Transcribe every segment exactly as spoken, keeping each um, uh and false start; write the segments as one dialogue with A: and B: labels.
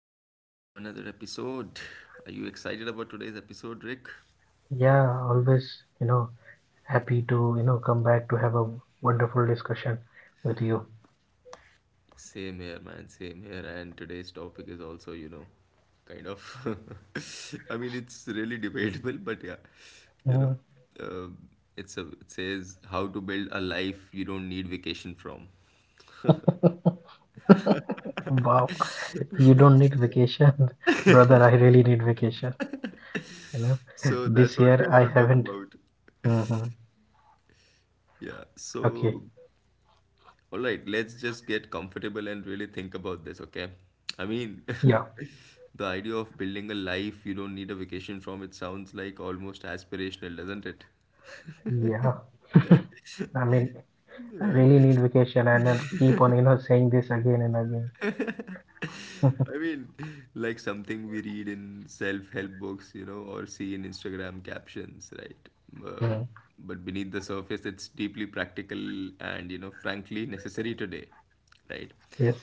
A: welcome back to another episode. Are you excited about today's episode, Rick?
B: Yeah, always, you know, happy to, you know, come back to have a wonderful discussion with you.
A: Same here, man, same here. And today's topic is also, you know, kind of. I mean, it's really debatable, but yeah, you know,
B: Mm.
A: um it's a, it says how to build a life you don't need vacation from.
B: Wow, you don't need vacation, brother. I really need vacation, you know.
A: So that's
B: This
A: what
B: year
A: we're
B: I
A: going to talk
B: haven't.
A: about.
B: Hmm.
A: Yeah,
B: Okay.
A: so all right, let's just get comfortable and really think about this, okay? I mean,
B: Yeah.
A: the idea of building a life you don't need a vacation from, it sounds like almost aspirational, doesn't it?
B: Yeah. I mean, I
A: Right?
B: really need vacation and I keep on, you know, saying this again and again.
A: I mean, like something we read in self-help books, you know, or see in Instagram captions, right? Uh,
B: Mm.
A: but beneath the surface, it's deeply practical and, you know, frankly necessary today, right?
B: Yes.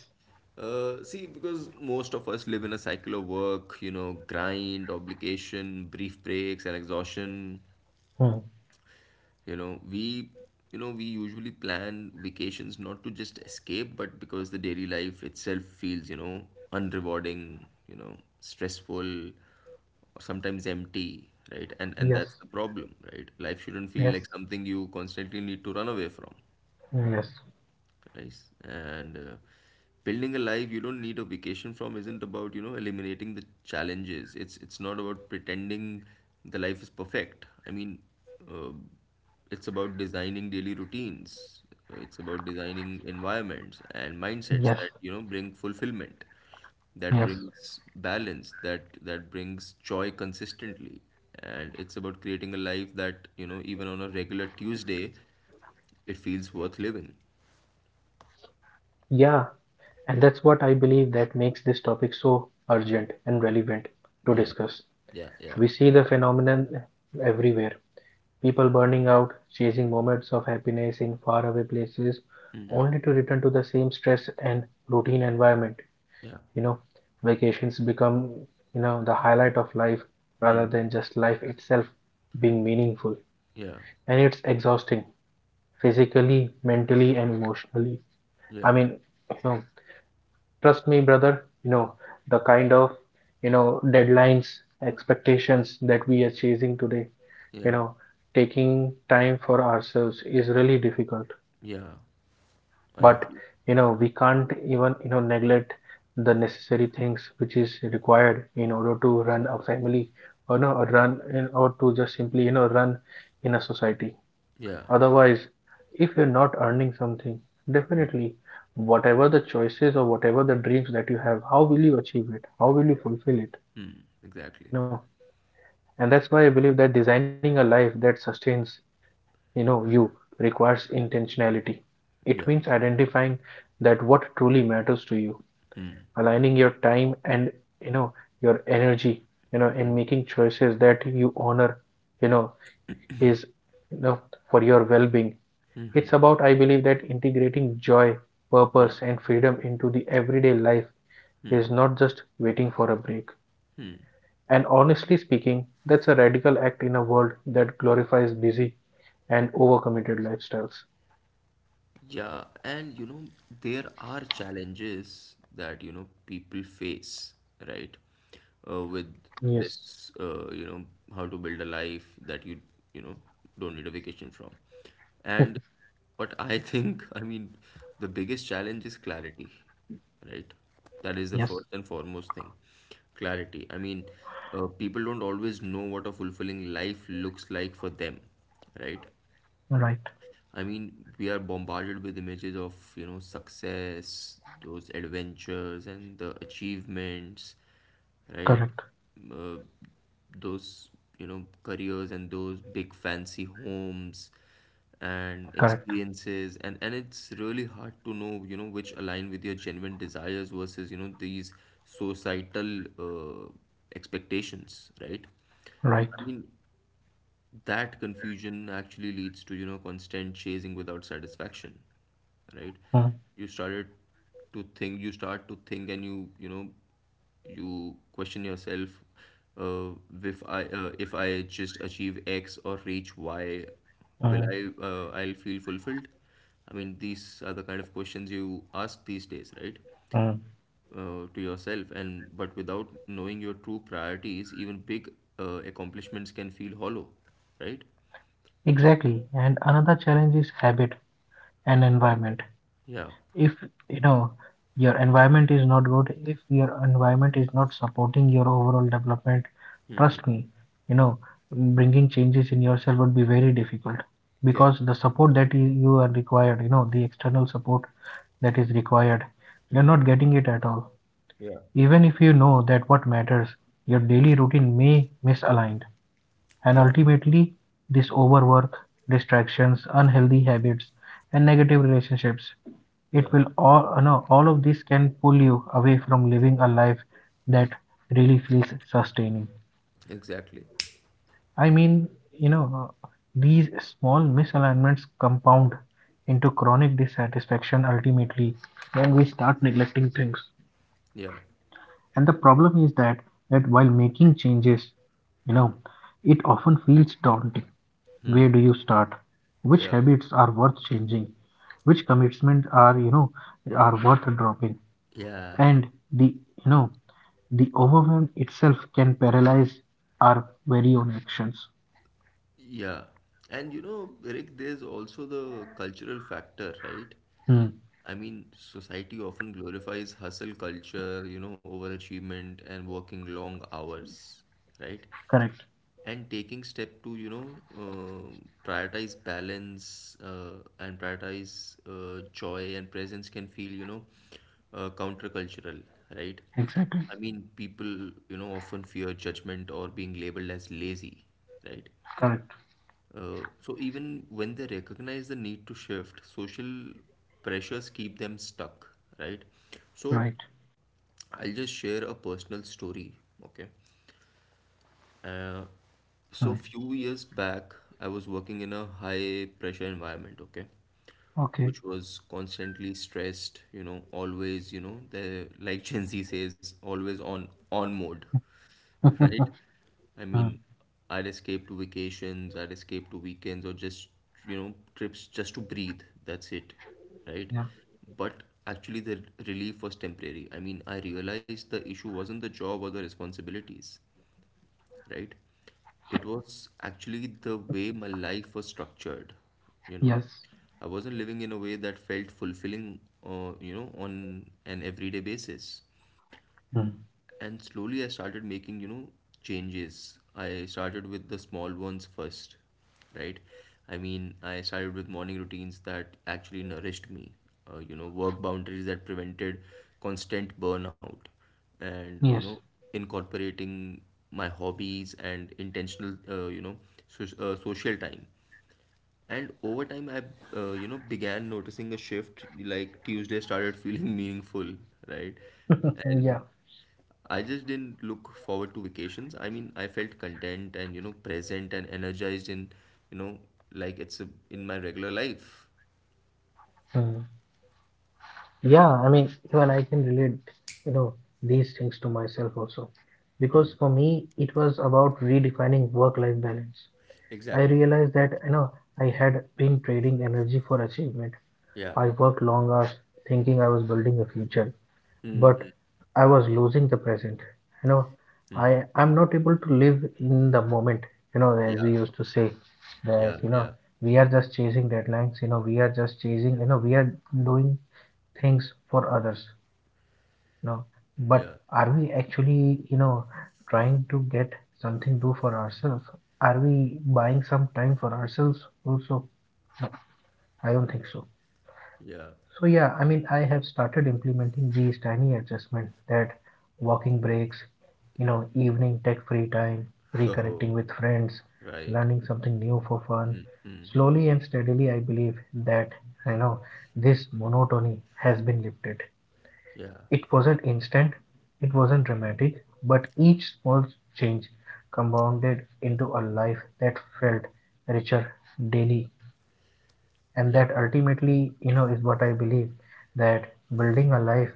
A: Uh, see, because most of us live in a cycle of work, you know, grind, obligation, brief breaks, and exhaustion.
B: Mm.
A: You know, we, you know, we usually plan vacations not to just escape, but because the daily life itself feels, you know, unrewarding, you know, stressful, or sometimes empty, right? And and
B: Yes.
A: that's the problem, right? Life shouldn't feel
B: Yes.
A: like something you constantly need to run away from.
B: Yes.
A: Nice. And uh, building a life you don't need a vacation from isn't about, you know, eliminating the challenges. It's it's not about pretending the life is perfect. I mean, uh, it's about designing daily routines. Uh, It's about designing environments and mindsets
B: Yes.
A: that, you know, bring fulfillment, that
B: Yes.
A: brings balance, that that brings joy consistently. And it's about creating a life that, you know, even on a regular Tuesday, it feels worth living.
B: Yeah. And that's what I believe that makes this topic so urgent and relevant to
A: Yeah.
B: discuss.
A: Yeah. Yeah.
B: We see the phenomenon everywhere. People burning out, chasing moments of happiness in faraway places, only to return to the same stress and routine environment.
A: Yeah.
B: You know, vacations become, you know, the highlight of life
A: Hmm.
B: rather than just life itself being meaningful.
A: Yeah.
B: And it's exhausting physically, mentally, and emotionally. I
A: Yeah.
B: mean, you know, Trust me, brother, you know, the kind of, you know, deadlines, expectations that we are chasing today, you
A: Yeah.
B: know, taking time for ourselves is really difficult.
A: Yeah, I
B: But,
A: agree.
B: you know, we can't even, you know, neglect the necessary things which is required in order to run a family or no, or run in, or to just simply, you know, run in a society.
A: Yeah.
B: Otherwise, if you're not earning something, definitely, whatever the choices or whatever the dreams that you have, how will you achieve it? How will you
A: Yeah.
B: fulfill it?
A: Hmm. Exactly.
B: You know, and that's why I believe that designing a life that sustains, you know, you requires intentionality. It
A: Yeah.
B: means identifying that what truly matters to you, aligning your time and, you know, your energy, you know, and making choices that you honor, you know, is, you know, for your well-being. It's about, I believe, that integrating joy, purpose, and freedom into the everyday life is not just waiting for a break. And honestly speaking, that's a radical act in a world that glorifies busy and overcommitted lifestyles.
A: Yeah, and you know, there are challenges that you know people face, right? Uh, with
B: Yes,
A: this, uh, you know, how to build a life that you you know don't need a vacation from. And what I think, I mean, the biggest challenge is clarity, right? That is the
B: yes,
A: first and foremost thing. Clarity. I mean, uh, people don't always know what a fulfilling life looks like for them, right?
B: right,
A: I mean, we are bombarded with images of, you know, success, those adventures, and the achievements, right?
B: correct,
A: Uh, those, you know, careers and those big fancy homes and
B: correct,
A: experiences. And, and it's really hard to know, you know, which align with your genuine desires versus, you know, these societal uh, expectations, right?
B: right.
A: I mean, that confusion actually leads to you know constant chasing without satisfaction, right?
B: Mm,
A: You started to think you start to think and you you know you question yourself, uh, if i uh, if I just achieve X or reach Y, will
B: mm,
A: I uh, I'll feel fulfilled. I mean, these are the kind of questions you ask these days, right?
B: mm.
A: Uh, to yourself. And but without knowing your true priorities, even big uh, accomplishments can feel hollow, right?
B: Exactly. And another challenge is habit and environment.
A: Yeah,
B: If you know your environment is not good, if your environment is not supporting your overall development, trust me, you know bringing changes in yourself would be very difficult,
A: yeah,
B: because the support that you, you are required, you know the external support that is required, you're not getting it at all. Even if you know that what matters, your daily routine may misaligned, and
A: yeah,
B: ultimately this overwork, distractions, unhealthy habits, and negative relationships, it
A: yeah,
B: will all, uh, no, all of this can pull you away from living a life that really feels sustaining.
A: exactly.
B: I mean, you know, uh, these small misalignments compound into chronic dissatisfaction ultimately when we start neglecting things.
A: Yeah,
B: And the problem is that that while making changes, you know, it often feels daunting. Where do you start? Which
A: yeah,
B: habits are worth changing? Which commitments are, you know, are worth dropping?
A: yeah,
B: And the you know the overwhelm itself can paralyze our very own actions.
A: yeah. And you know, Rick, there's also the cultural factor, right?
B: Hmm,
A: I mean, society often glorifies hustle culture, you know, overachievement and working long hours, right?
B: correct,
A: And taking step to you know uh, prioritize balance uh, and prioritize uh, joy and presence can feel, you know, uh, countercultural, right?
B: exactly,
A: I mean, people you know often fear judgment or being labeled as lazy, right?
B: correct,
A: Uh, so even when they recognize the need to shift, social pressures keep them stuck, right? So
B: right.
A: I'll just share a personal story, okay? uh,
B: Hmm.
A: so few years back, I was working in a high pressure environment, okay,
B: Okay.
A: which was constantly stressed, you know, always, you know, the like Gen Z says, always on on mode, right? I
B: Hmm,
A: mean, I'd escape to vacations, I'd escape to weekends or just, you know, trips just to breathe. That's it, right?
B: yeah,
A: But actually, the relief was temporary. I mean, I realized the issue wasn't the job or the responsibilities, right? It was actually the way my life was structured, you know.
B: yes.
A: I wasn't living in a way that felt fulfilling, uh, you know, on an everyday basis.
B: Hmm,
A: And slowly I started making, you know, changes. I started with the small ones first, right? I mean, I started with morning routines that actually nourished me, uh, you know, work boundaries that prevented constant burnout, and, you know,
B: yes.
A: incorporating my hobbies and intentional, uh, you know, so, uh, social time. And over time, I, uh, you know, began noticing a shift. Like Tuesday started feeling meaningful, right?
B: Yeah.
A: And I just didn't look forward to vacations. I mean, I felt content and, you know, present and energized in, you know, like it's a, in my regular life.
B: Hmm. Yeah, I mean, even I can relate, you know these things to myself also, because for me it was about redefining work life balance. I
A: Exactly.
B: realized that you know I had been trading energy for achievement.
A: Yeah.
B: I worked long hours thinking I was building a future, but I was losing the present. You know, I I'm not able to live in the moment. You know,
A: Yeah.
B: as we used to say that
A: Yeah.
B: you know
A: Yeah.
B: we are just chasing deadlines. You know, we are just chasing. You know, we are doing things for others. You know,
A: Yeah.
B: but are we actually you know trying to get something do for ourselves? Are we buying some time for ourselves also? No, I don't think so.
A: Yeah.
B: So yeah, I mean, I have started implementing these tiny adjustments: that walking breaks, you know, evening tech free time, reconnecting
A: Oh,
B: with friends,
A: right.
B: learning something new for fun. Slowly and steadily, I believe that, you know, this monotony has been lifted.
A: Yeah.
B: It wasn't instant, it wasn't dramatic, but each small change compounded into a life that felt richer daily, and that
A: Yeah.
B: ultimately you know is what I believe, that building a life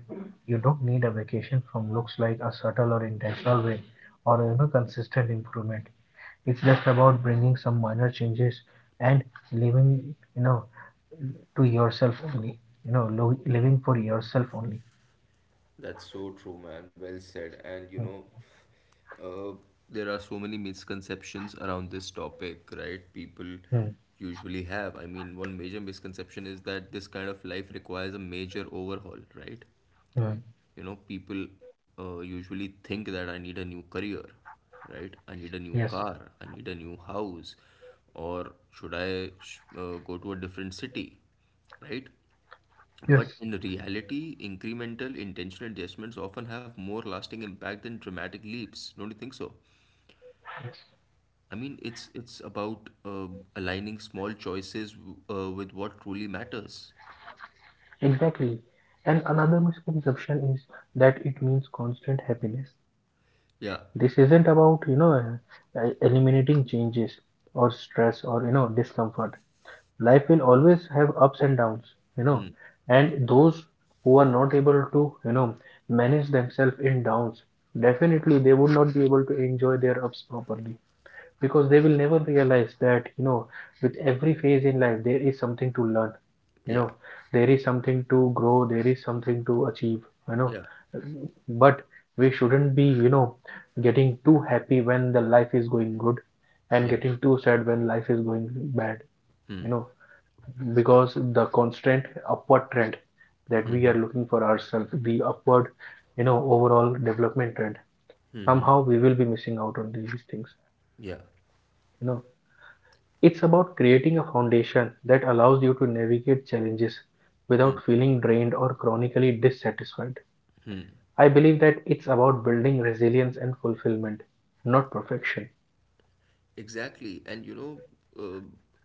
B: you don't need a vacation from looks like a subtle or intentional way, or you know consistent improvement. It's just about bringing some minor changes and living, you know to yourself only, you know lo- living for yourself only.
A: That's so true, man. Well said. And you
B: Hmm,
A: know, uh, there are so many misconceptions around this topic, right? People
B: hmm,
A: usually have. I mean, one major misconception is that this kind of life requires a major overhaul, right?
B: hmm.
A: You know, people uh, usually think that I need a new career, right? I need a new
B: Yes,
A: car, I need a new house, or should I sh- uh, go to a different city, right?
B: yes,
A: But in reality, incremental intentional adjustments often have more lasting impact than dramatic leaps. Don't you think so?
B: yes,
A: I mean, it's it's about uh, aligning small choices w- uh, with what truly matters.
B: exactly. And another misconception is that it means constant happiness.
A: Yeah,
B: This isn't about, you know, uh, e-, eliminating changes or stress or, you know, discomfort. Life will always have ups and downs, you know, and those who are not able to, you know, manage themselves in downs, definitely they would not be able to enjoy their ups properly, because they will never realize that you know with every phase in life there is something to learn, you
A: yeah,
B: know, there is something to grow, there is something to achieve, you know.
A: yeah,
B: But we shouldn't be you know getting too happy when the life is going good and
A: yeah,
B: getting too sad when life is going bad, you know, because the constant upward trend that we are looking for ourselves, the upward, you know overall development trend, somehow we will be missing out on these things,
A: yeah.
B: you know. It's about creating a foundation that allows you to navigate challenges without
A: Hmm.
B: feeling drained or chronically dissatisfied. I believe that it's about building resilience and fulfillment, not perfection.
A: Exactly. And you know, uh,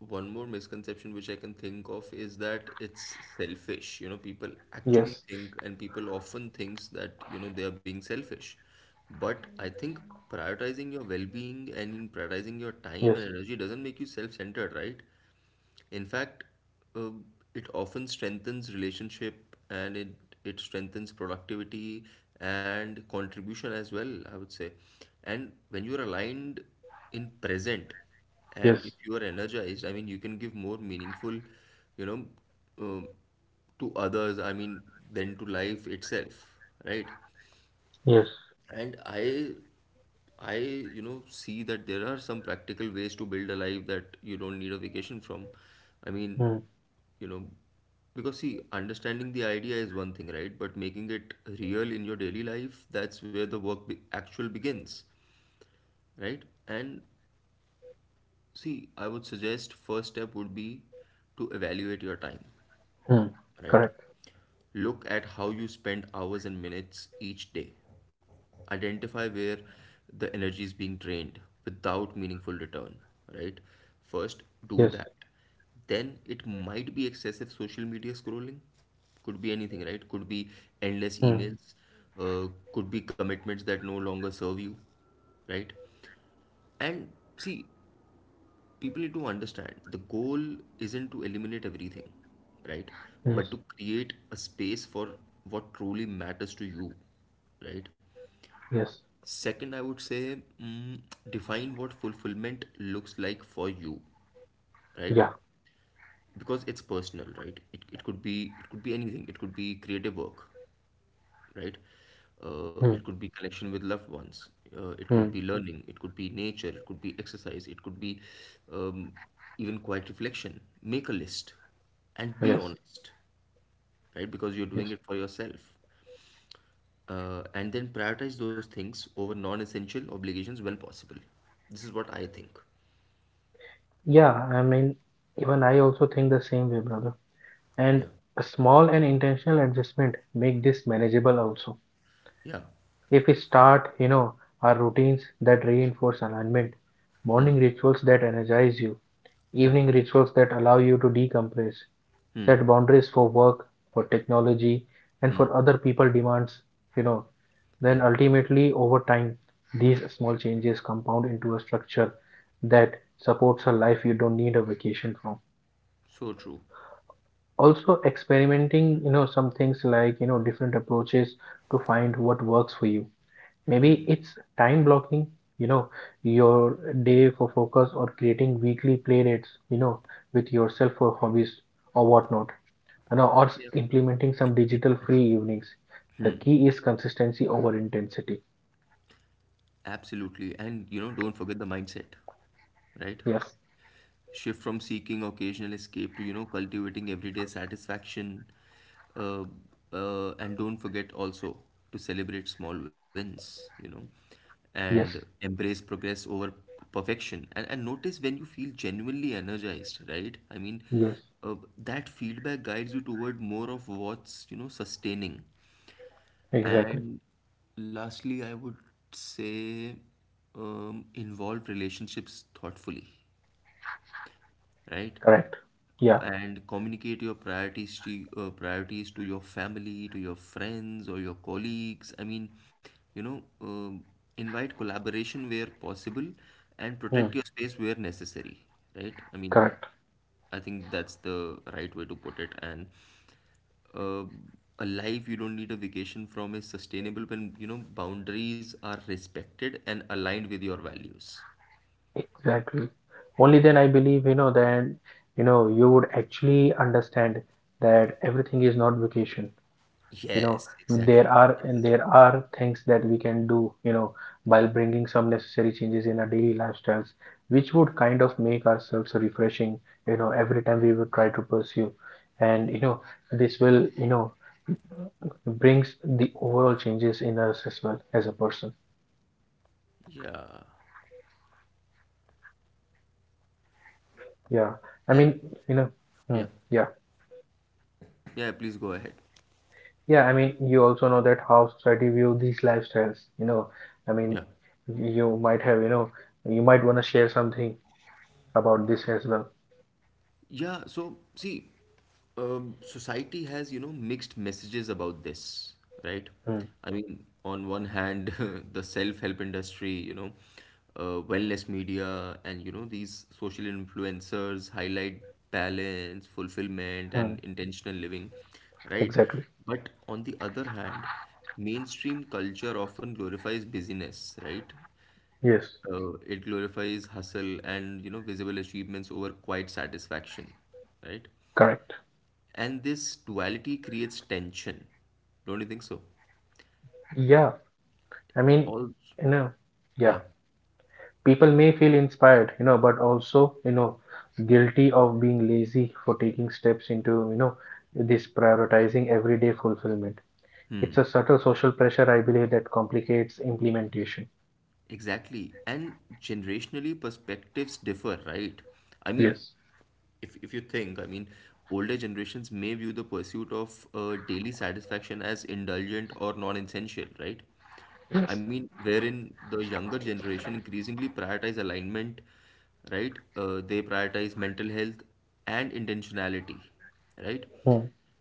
A: one more misconception which I can think of is that it's selfish. You know, people actually
B: Yes,
A: think and people often thinks that, you know, they are being selfish. But I think prioritizing your well-being and in prioritizing your time
B: yes,
A: and energy doesn't make you self-centered, right? In fact, uh, it often strengthens relationship and it, it strengthens productivity and contribution as well, I would say. And when you're aligned in present
B: yes,
A: and if you are energized, I mean, you can give more meaningful, you know, um to others, I mean, than to life itself, right?
B: yes.
A: And I I, you know, see that there are some practical ways to build a life that you don't need a vacation from. I mean,
B: Mm,
A: you know, because see understanding the idea is one thing, right? But making it real in your daily life, that's where the work be- actual begins, right? And see, I would suggest first step would be to evaluate your time,
B: mm,
A: right?
B: correct.
A: Look at how you spend hours and minutes each day. Identify where the energy is being drained without meaningful return, right? First,
B: Yes,
A: do that. Then it might be excessive social media scrolling. Could be anything, right? Could be endless
B: mm,
A: emails, uh, could be commitments that no longer serve you, right? And see, people need to understand the goal isn't to eliminate everything, right?
B: yes,
A: But to create a space for what truly matters to you, right?
B: yes.
A: Second, I would say mm, define what fulfillment looks like for you, right?
B: Yeah.
A: Because it's personal, right? It, it could be, it could be anything. It could be creative work, right? Uh, it
B: Mm,
A: could be connection with loved ones. Uh, it could be
B: mm,
A: learning. It could be nature. It could be exercise. It could be um, even quiet reflection. Make a list and be
B: yes,
A: honest, right? Because you're doing
B: yes.
A: it for yourself. Uh, and then prioritize those things over non essential obligations when possible. This is what I think.
B: Yeah, I mean, even I also think the same way, brother. And
A: Yeah.
B: a small and intentional adjustment make this manageable also.
A: Yeah,
B: If we start you know our routines that reinforce alignment, morning rituals that energize you,
A: yeah,
B: evening rituals that allow you to decompress, set
A: hmm,
B: boundaries for work, for technology, and for other people demands, you know, then
A: yeah,
B: ultimately over time these small changes compound into a structure that supports a life you don't need a vacation from.
A: so true.
B: Also experimenting you know some things, like you know different approaches to find what works for you. Maybe it's time blocking, you know, your day for focus, or creating weekly play dates, you know, with yourself for hobbies or whatnot, you know, or s-
A: Yeah.
B: implementing some digital free evenings. The key is consistency over intensity.
A: Absolutely. And you know, don't forget the mindset, right?
B: Yes,
A: Shift from seeking occasional escape to you know cultivating everyday satisfaction. uh, uh, and don't forget also to celebrate small wins, you know, and
B: yes,
A: embrace progress over p- perfection. And, and notice when you feel genuinely energized, right? I mean,
B: yes,
A: uh, that feedback guides you toward more of what's you know sustaining.
B: exactly.
A: And lastly, I would say, um, involve relationships thoughtfully, right?
B: Correct. Yeah,
A: And communicate your priorities to uh, priorities to your family, to your friends or your colleagues. I mean, you know, um invite collaboration where possible and
B: hmm,
A: protect your space where necessary, right? I mean,
B: correct.
A: I think that's the right way to put it. And uh, a life you don't need a vacation from is sustainable when, you know, boundaries are respected and aligned with your values.
B: Exactly. Only then I believe, you know, then, you know, you would actually understand that everything is not vacation, you know.
A: Yes,
B: There
A: exactly.
B: are,
A: Yes.
B: and there are things that we can do, you know, by bringing some necessary changes in our daily lifestyles, which would kind of make ourselves refreshing, you know, every time we would try to pursue, and you know this will, you know brings the overall changes in us as well as a person.
A: Yeah.
B: Yeah, I mean,
A: And
B: you know. Hmm,
A: yeah.
B: yeah.
A: Yeah, please go ahead.
B: Yeah, I mean, you also know that how society view these lifestyles, you know, I mean,
A: Yeah.
B: you might have, you know you might want to share something about this as well.
A: Yeah, so see, um, society has, you know, mixed messages about this, right?
B: Hmm.
A: I mean, on one hand, the self-help industry, you know, uh, wellness media, and, you know, these social influencers highlight balance, fulfillment,
B: Mm,
A: and intentional living, right?
B: exactly.
A: But on the other hand, mainstream culture often glorifies busyness, right?
B: Yes,
A: Uh, it glorifies hustle and you know visible achievements over quiet satisfaction, right?
B: correct.
A: And this duality creates tension. Don't you think so?
B: Yeah, I mean,
A: All,
B: you know, yeah,
A: yeah,
B: people may feel inspired, you know, but also, you know, guilty of being lazy for taking steps into, you know, this prioritizing everyday fulfillment. It's a subtle social pressure, I believe, that complicates implementation.
A: exactly. And generationally, perspectives differ, right? I mean,
B: Yes.
A: if, if you think, I mean, older generations may view the pursuit of uh, daily satisfaction as indulgent or non-essential, right?
B: Yes.
A: I mean, wherein the younger generation increasingly prioritize alignment, right? Uh, they prioritize mental health and intentionality, right?
B: Hmm.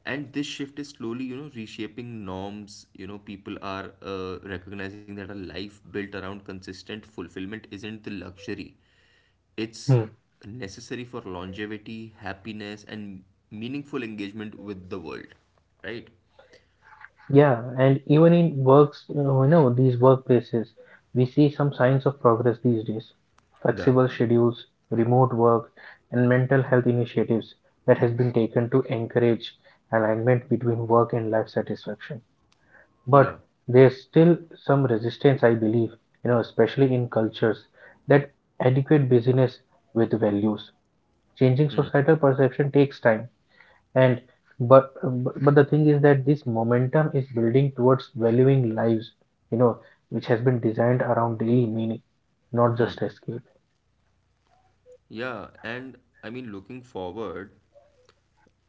A: And this shift is slowly, you know, reshaping norms. You know, people are uh, recognizing that a life built around consistent fulfillment isn't the luxury. It's
B: Hmm.
A: necessary for longevity, happiness, and meaningful engagement with the world, right?
B: Yeah, and even in works, you know, these workplaces, we see some signs of progress these days.
A: Yeah,
B: Flexible schedules, remote work, and mental health initiatives that has been taken to encourage alignment between work and life satisfaction. But
A: yeah,
B: there's still some resistance, I believe, you know, especially in cultures that adequate business with values. Changing societal perception takes time, and but but but the thing is that this momentum is building towards valuing lives, you know which has been designed around daily meaning, not just escape.
A: yeah. And I mean, looking forward,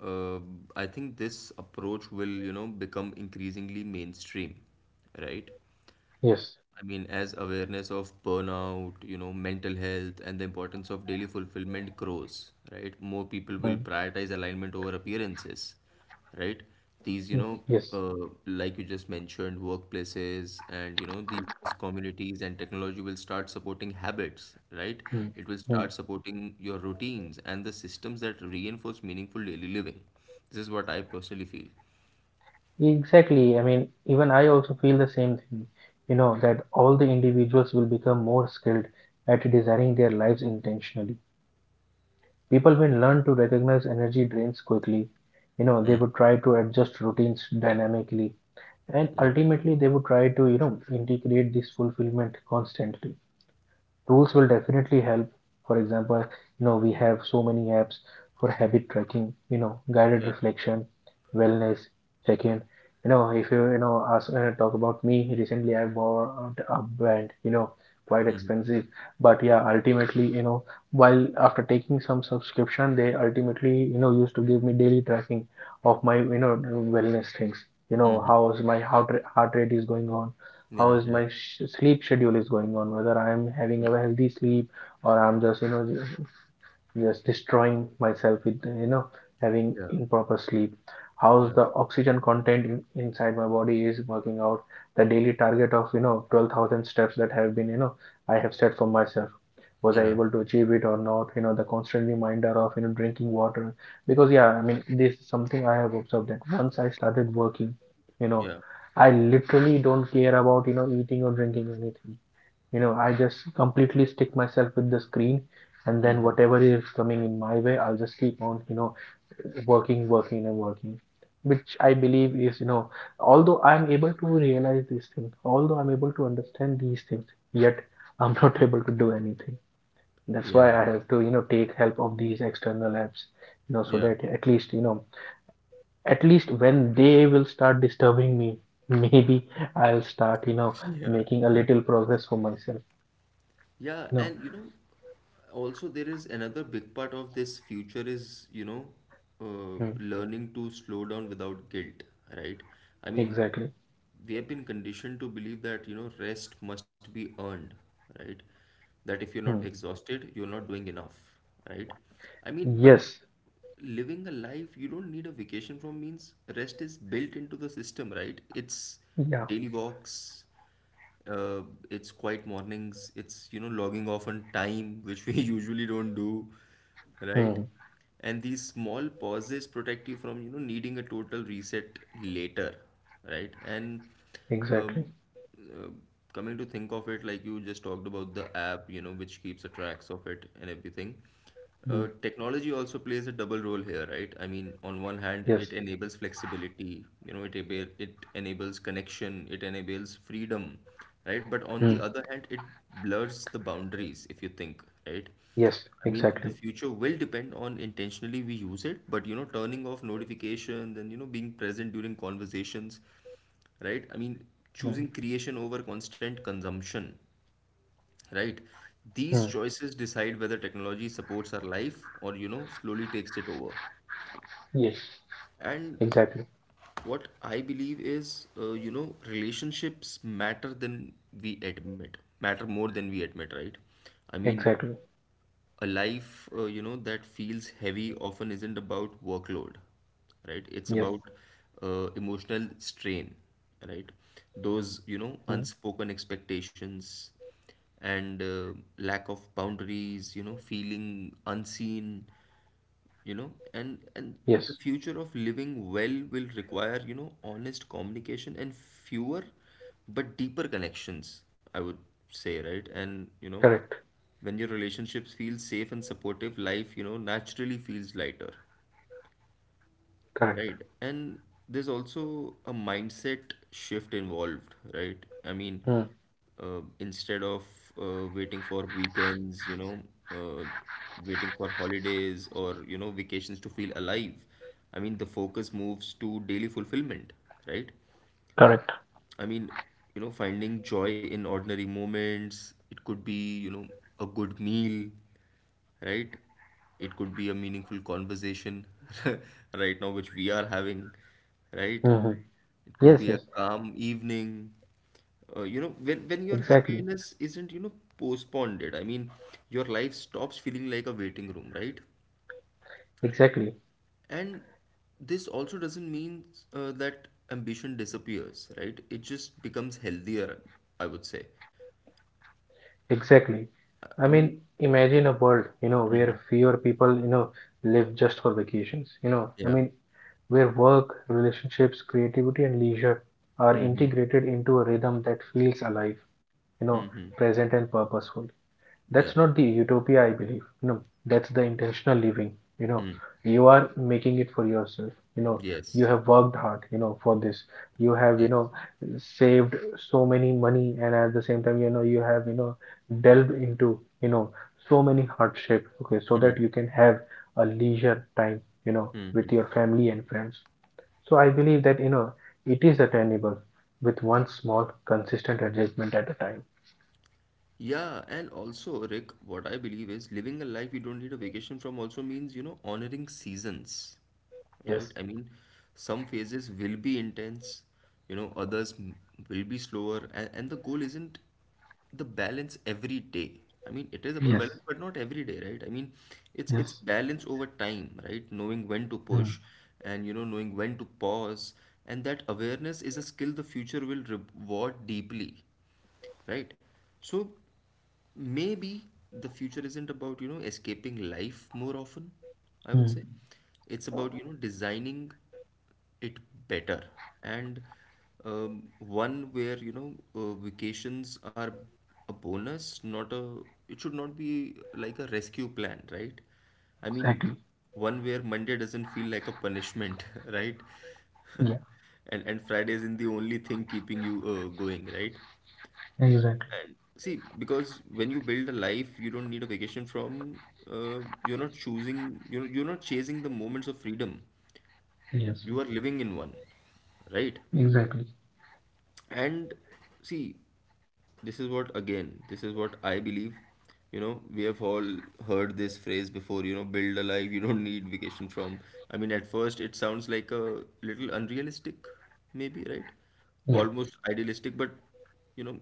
A: uh, I think this approach will, you know, become increasingly mainstream, right? I
B: Yes,
A: mean, as awareness of burnout, you know, mental health, and the importance of daily fulfillment grows, right? More people will
B: mm.
A: prioritize alignment over appearances, right? These, you
B: Mm.
A: know,
B: Yes,
A: uh, like you just mentioned, workplaces and, you know, these communities and technology will start supporting habits, right?
B: mm.
A: It will start
B: Mm.
A: supporting your routines and the systems that reinforce meaningful daily living. This is what I personally feel.
B: Exactly, I mean, even I also feel the same thing, you know that all the individuals will become more skilled at designing their lives intentionally. People will learn to recognize energy drains quickly, you know, they
A: Hmm.
B: would try to adjust routines dynamically, and
A: Yeah.
B: ultimately they would try to you know integrate this fulfillment constantly. Tools will definitely help. For example, you know, we have so many apps for habit tracking, you know, guided
A: Yeah.
B: reflection, wellness, check-in. You know, if you, you know, ask, uh, talk about me, recently I bought a band, you know, quite
A: Mm-hmm.
B: expensive. But yeah, ultimately, you know, while after taking some subscription, they ultimately, you know, used to give me daily tracking of my, you know, wellness things. You know,
A: Mm-hmm.
B: how's my heart, ra- heart rate is going on, how
A: Yeah.
B: is
A: Yeah.
B: my sh- sleep schedule is going on, whether I'm having
A: Mm.
B: a healthy sleep, or I'm just, you know just destroying myself with, you know, having
A: Yeah.
B: improper sleep. How's
A: Yeah.
B: the oxygen content in, inside my body is working out. The daily target of, you know, twelve thousand steps that have been, you know, I have set for myself. Was I
A: Yeah,
B: able to achieve it or not? You know, the constant reminder of, you know, drinking water. Because, yeah, I mean, this is something I have observed that once I started working, you know,
A: yeah,
B: I literally don't care about, you know, eating or drinking anything. You know, I just completely stick myself with the screen, and then
A: hmm,
B: whatever is coming in my way, I'll just keep on, you know, working, working, and working. Which I believe is, you know, although I'm able to realize these things, although I'm able to understand these things, yet I'm not able to do anything. That's why I
A: yeah,
B: have to, you know, take help of these external apps, you know, so
A: yeah,
B: that at least, you know, at least when they will start disturbing me, maybe I'll start, you know,
A: yeah,
B: making a
A: yeah,
B: little progress for myself.
A: yeah.
B: No.
A: And you know, also there is another big part of this future is, you know, uh,
B: Hmm.
A: learning to slow down without guilt, right? I mean,
B: Exactly.
A: we have been conditioned to believe that, you know, rest must be earned, right? That if you're not
B: Hmm.
A: exhausted, you're not doing enough, right? I mean, but
B: Yes.
A: living a life you don't need a vacation from means rest is built into the system, right? It's
B: Yeah.
A: daily walks, uh, it's quiet mornings, it's, you know, logging off on time, which we usually don't do, right?
B: Hmm.
A: And these small pauses protect you from, you know, needing a total reset later, right? and
B: Exactly.
A: um, uh, coming to think of it, like you just talked about the app, you know, which keeps a tracks of it and everything.
B: Hmm.
A: Uh, technology also plays a double role here, right? I mean, on one hand,
B: Yes.
A: it enables flexibility, you know, it able, it enables connection, it enables freedom, right? But on the
B: Hmm.
A: other hand, it blurs the boundaries, if you think, right?
B: Yes.
A: I mean, the
B: Exactly.
A: future will depend on intentionally we use it, but you know, turning off notifications and, you know, being present during conversations, right? I mean,
B: Hmm.
A: choosing creation over constant consumption, right. These
B: Hmm.
A: choices decide whether technology supports our life or, you know, slowly takes it over.
B: Yes.
A: And
B: Exactly.
A: what I believe is, uh, you know, relationships matter than we admit, matter more than we admit, right? I mean,
B: Exactly.
A: a life, uh, you know, that feels heavy often isn't about workload, right? It's
B: Yes.
A: about uh, emotional strain, right? Those, you know,
B: Hmm.
A: unspoken expectations and, uh, lack of boundaries, you know, feeling unseen, you know. And and the
B: Yes.
A: future of living well will require, you know, honest communication and fewer but deeper connections, I would say, right? And you know,
B: Correct.
A: when your relationships feel safe and supportive, life, you know, naturally feels lighter.
B: Correct.
A: Right. And there's also a mindset shift involved, right? I mean,
B: Hmm.
A: uh, instead of uh, waiting for weekends, you know, uh, waiting for holidays or, you know, vacations to feel alive, I mean, the focus moves to daily fulfillment, right?
B: Correct.
A: I mean, you know, finding joy in ordinary moments. It could be, you know, a good meal, right? It could be a meaningful conversation, right now, which we are having, right?
B: Hmm.
A: It could
B: Yes,
A: be a
B: yes,
A: calm evening. Uh, you know, when, when your
B: exactly,
A: happiness isn't, you know, postponed, I mean, your life stops feeling like a waiting room, right?
B: exactly,
A: And this also doesn't mean uh, that ambition disappears, right? It just becomes healthier, I would say.
B: exactly.
A: I I
B: I
A: mean,
B: mean,
A: yeah.
B: imagine a world, you know,
A: Hmm.
B: where fewer people, you know, live just for vacations. You know, I
A: Yeah.
B: mean, where work, relationships, creativity, and leisure are
A: Hmm.
B: integrated into a rhythm that feels alive, you know, present and purposeful.
A: Yeah.
B: That's not the utopia, I believe. No, that's the intentional living. You know,
A: Hmm.
B: you are making it for yourself. You know, you
A: Yes.
B: have worked hard, you know, for this. You have, you
A: Yes.
B: know, saved so many money, and at the same time, you know, you have, you know, delved into, you know, so many hardship, okay, so that you can have a leisure time, you know, with your family and friends. So I believe that you know it is attainable with one small consistent adjustment at a time.
A: Yeah, and also, Rick, what I believe is living a life you don't need a vacation from also means, you know, honoring seasons,
B: Yes.
A: right? I mean, some phases will be intense, you know, others m- will be slower, and, and the goal isn't the balance every day. I mean, it is about
B: Yes,
A: balance, but not every day, right? I mean, it's it's
B: yes.
A: balance over time, right? Knowing when to
B: Mm,
A: push and, you know, knowing when to pause, and that awareness is a skill the future will reward deeply, right? So maybe the future isn't about, you know, escaping life more often, I would
B: mm.
A: say. It's about, you know, designing it better, and um, one where, you know, uh, vacations are a bonus, not a, it should not be like a rescue plan, right? I mean,
B: Exactly.
A: one where Monday doesn't feel like a punishment, right?
B: Yeah,
A: And and Friday isn't the only thing keeping you uh, going, right?
B: exactly.
A: And see, because when you build a life, you don't need a vacation from, uh, you're not choosing, you're, you're not chasing the moments of freedom.
B: Yes,
A: You are living in one, right?
B: exactly.
A: And see, this is what again, this is what I believe, you know, we have all heard this phrase before, you know, build a life you don't need vacation from. I mean, at first it sounds like a little unrealistic, maybe, right?
B: Yeah,
A: Almost idealistic. But, you know,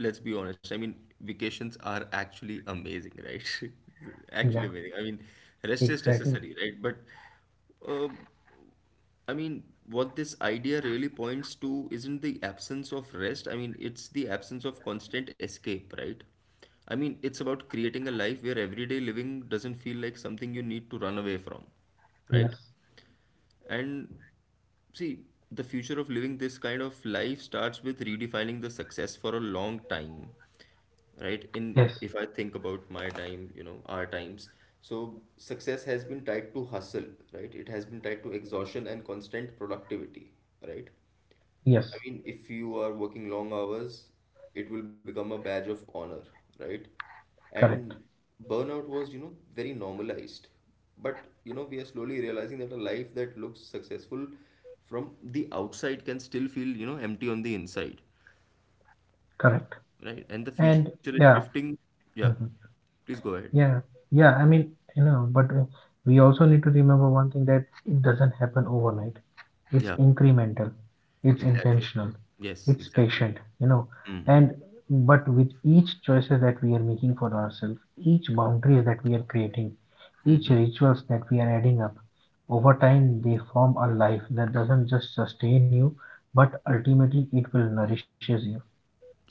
A: let's be honest, I mean, vacations are actually amazing, right? Actually
B: yeah,
A: amazing, I mean, rest is
B: exactly.
A: necessary, right? But um, I mean, what this idea really points to isn't the absence of rest. I mean, it's the absence of constant escape, right? I mean, it's about creating a life where everyday living doesn't feel like something you need to run away from, right?
B: Yes,
A: And see, the future of living this kind of life starts with redefining the success for a long time, right? In,
B: yes,
A: if I think about my time, you know, our times, so success has been tied to hustle, right? It has been tied to exhaustion and constant productivity, right? I
B: yes.
A: mean, if you are working long hours, it will become a badge of honor, right?
B: Correct,
A: And burnout was, you know, very normalized. But you know, we are slowly realizing that a life that looks successful from the outside can still feel, you know, empty on the inside,
B: correct.
A: right? And the future
B: And
A: is
B: yeah,
A: shifting. Yeah,
B: mhm.
A: please go ahead.
B: Yeah, yeah. I mean, you know, but uh, we also need to remember one thing that it doesn't happen overnight. It's
A: Yeah,
B: incremental, it's
A: exactly.
B: intentional,
A: Yes,
B: it's
A: exactly.
B: patient, you know. And but with each choices that we are making for ourselves, each boundaries that we are creating, each rituals that we are adding up over time, they form a life that doesn't just sustain you, but ultimately it will nourishes you.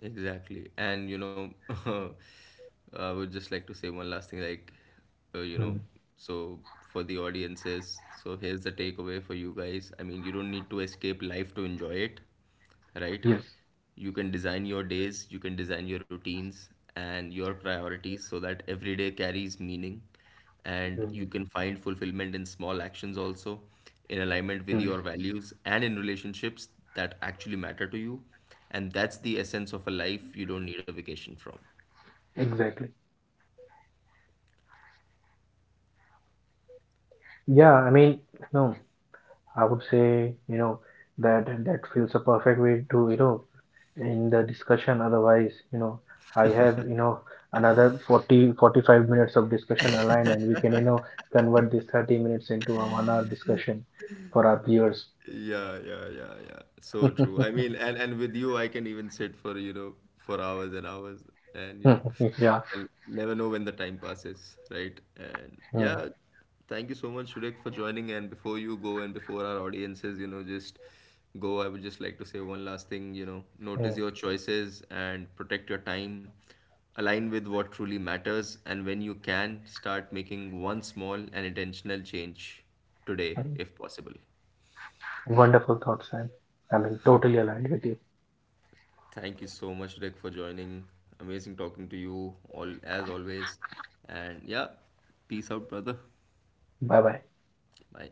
A: Exactly. And, you know, I would just like to say one last thing like, uh, you know,
B: Hmm.
A: so for the audiences, so here's the takeaway for you guys. I mean, you don't need to escape life to enjoy it, right?
B: Yes.
A: You can design your days, you can design your routines and your priorities so that every day carries meaning. And
B: Mm,
A: you can find fulfillment in small actions also, in alignment with
B: mm.
A: your values, and in relationships that actually matter to you. And that's the essence of a life you don't need a vacation from.
B: Exactly. Yeah, I mean, no, I would say, you know, that that feels a perfect way to, you know, in the discussion. Otherwise you know I have, you know another forty forty-five minutes of discussion aligned, and we can, you know convert this thirty minutes into a one hour discussion for our viewers.
A: Yeah, yeah, yeah, yeah. So true. I mean, and and with you, I can even sit for, you know, for hours and hours, and, you know,
B: Yeah.
A: and never know when the time passes, right? And
B: Mm,
A: yeah, thank you so much, Shurek, for joining. And before you go and before our audiences, you know, just go, I would just like to say one last thing, you know, notice
B: mm.
A: your choices and protect your time. Align with what truly matters, and when you can, start making one small and intentional change today, if possible.
B: Wonderful thoughts, Sam. I mean, totally aligned with you.
A: Thank you so much, Rick, for joining. Amazing talking to you all as always. And yeah, peace out, brother.
B: Bye bye.
A: Bye.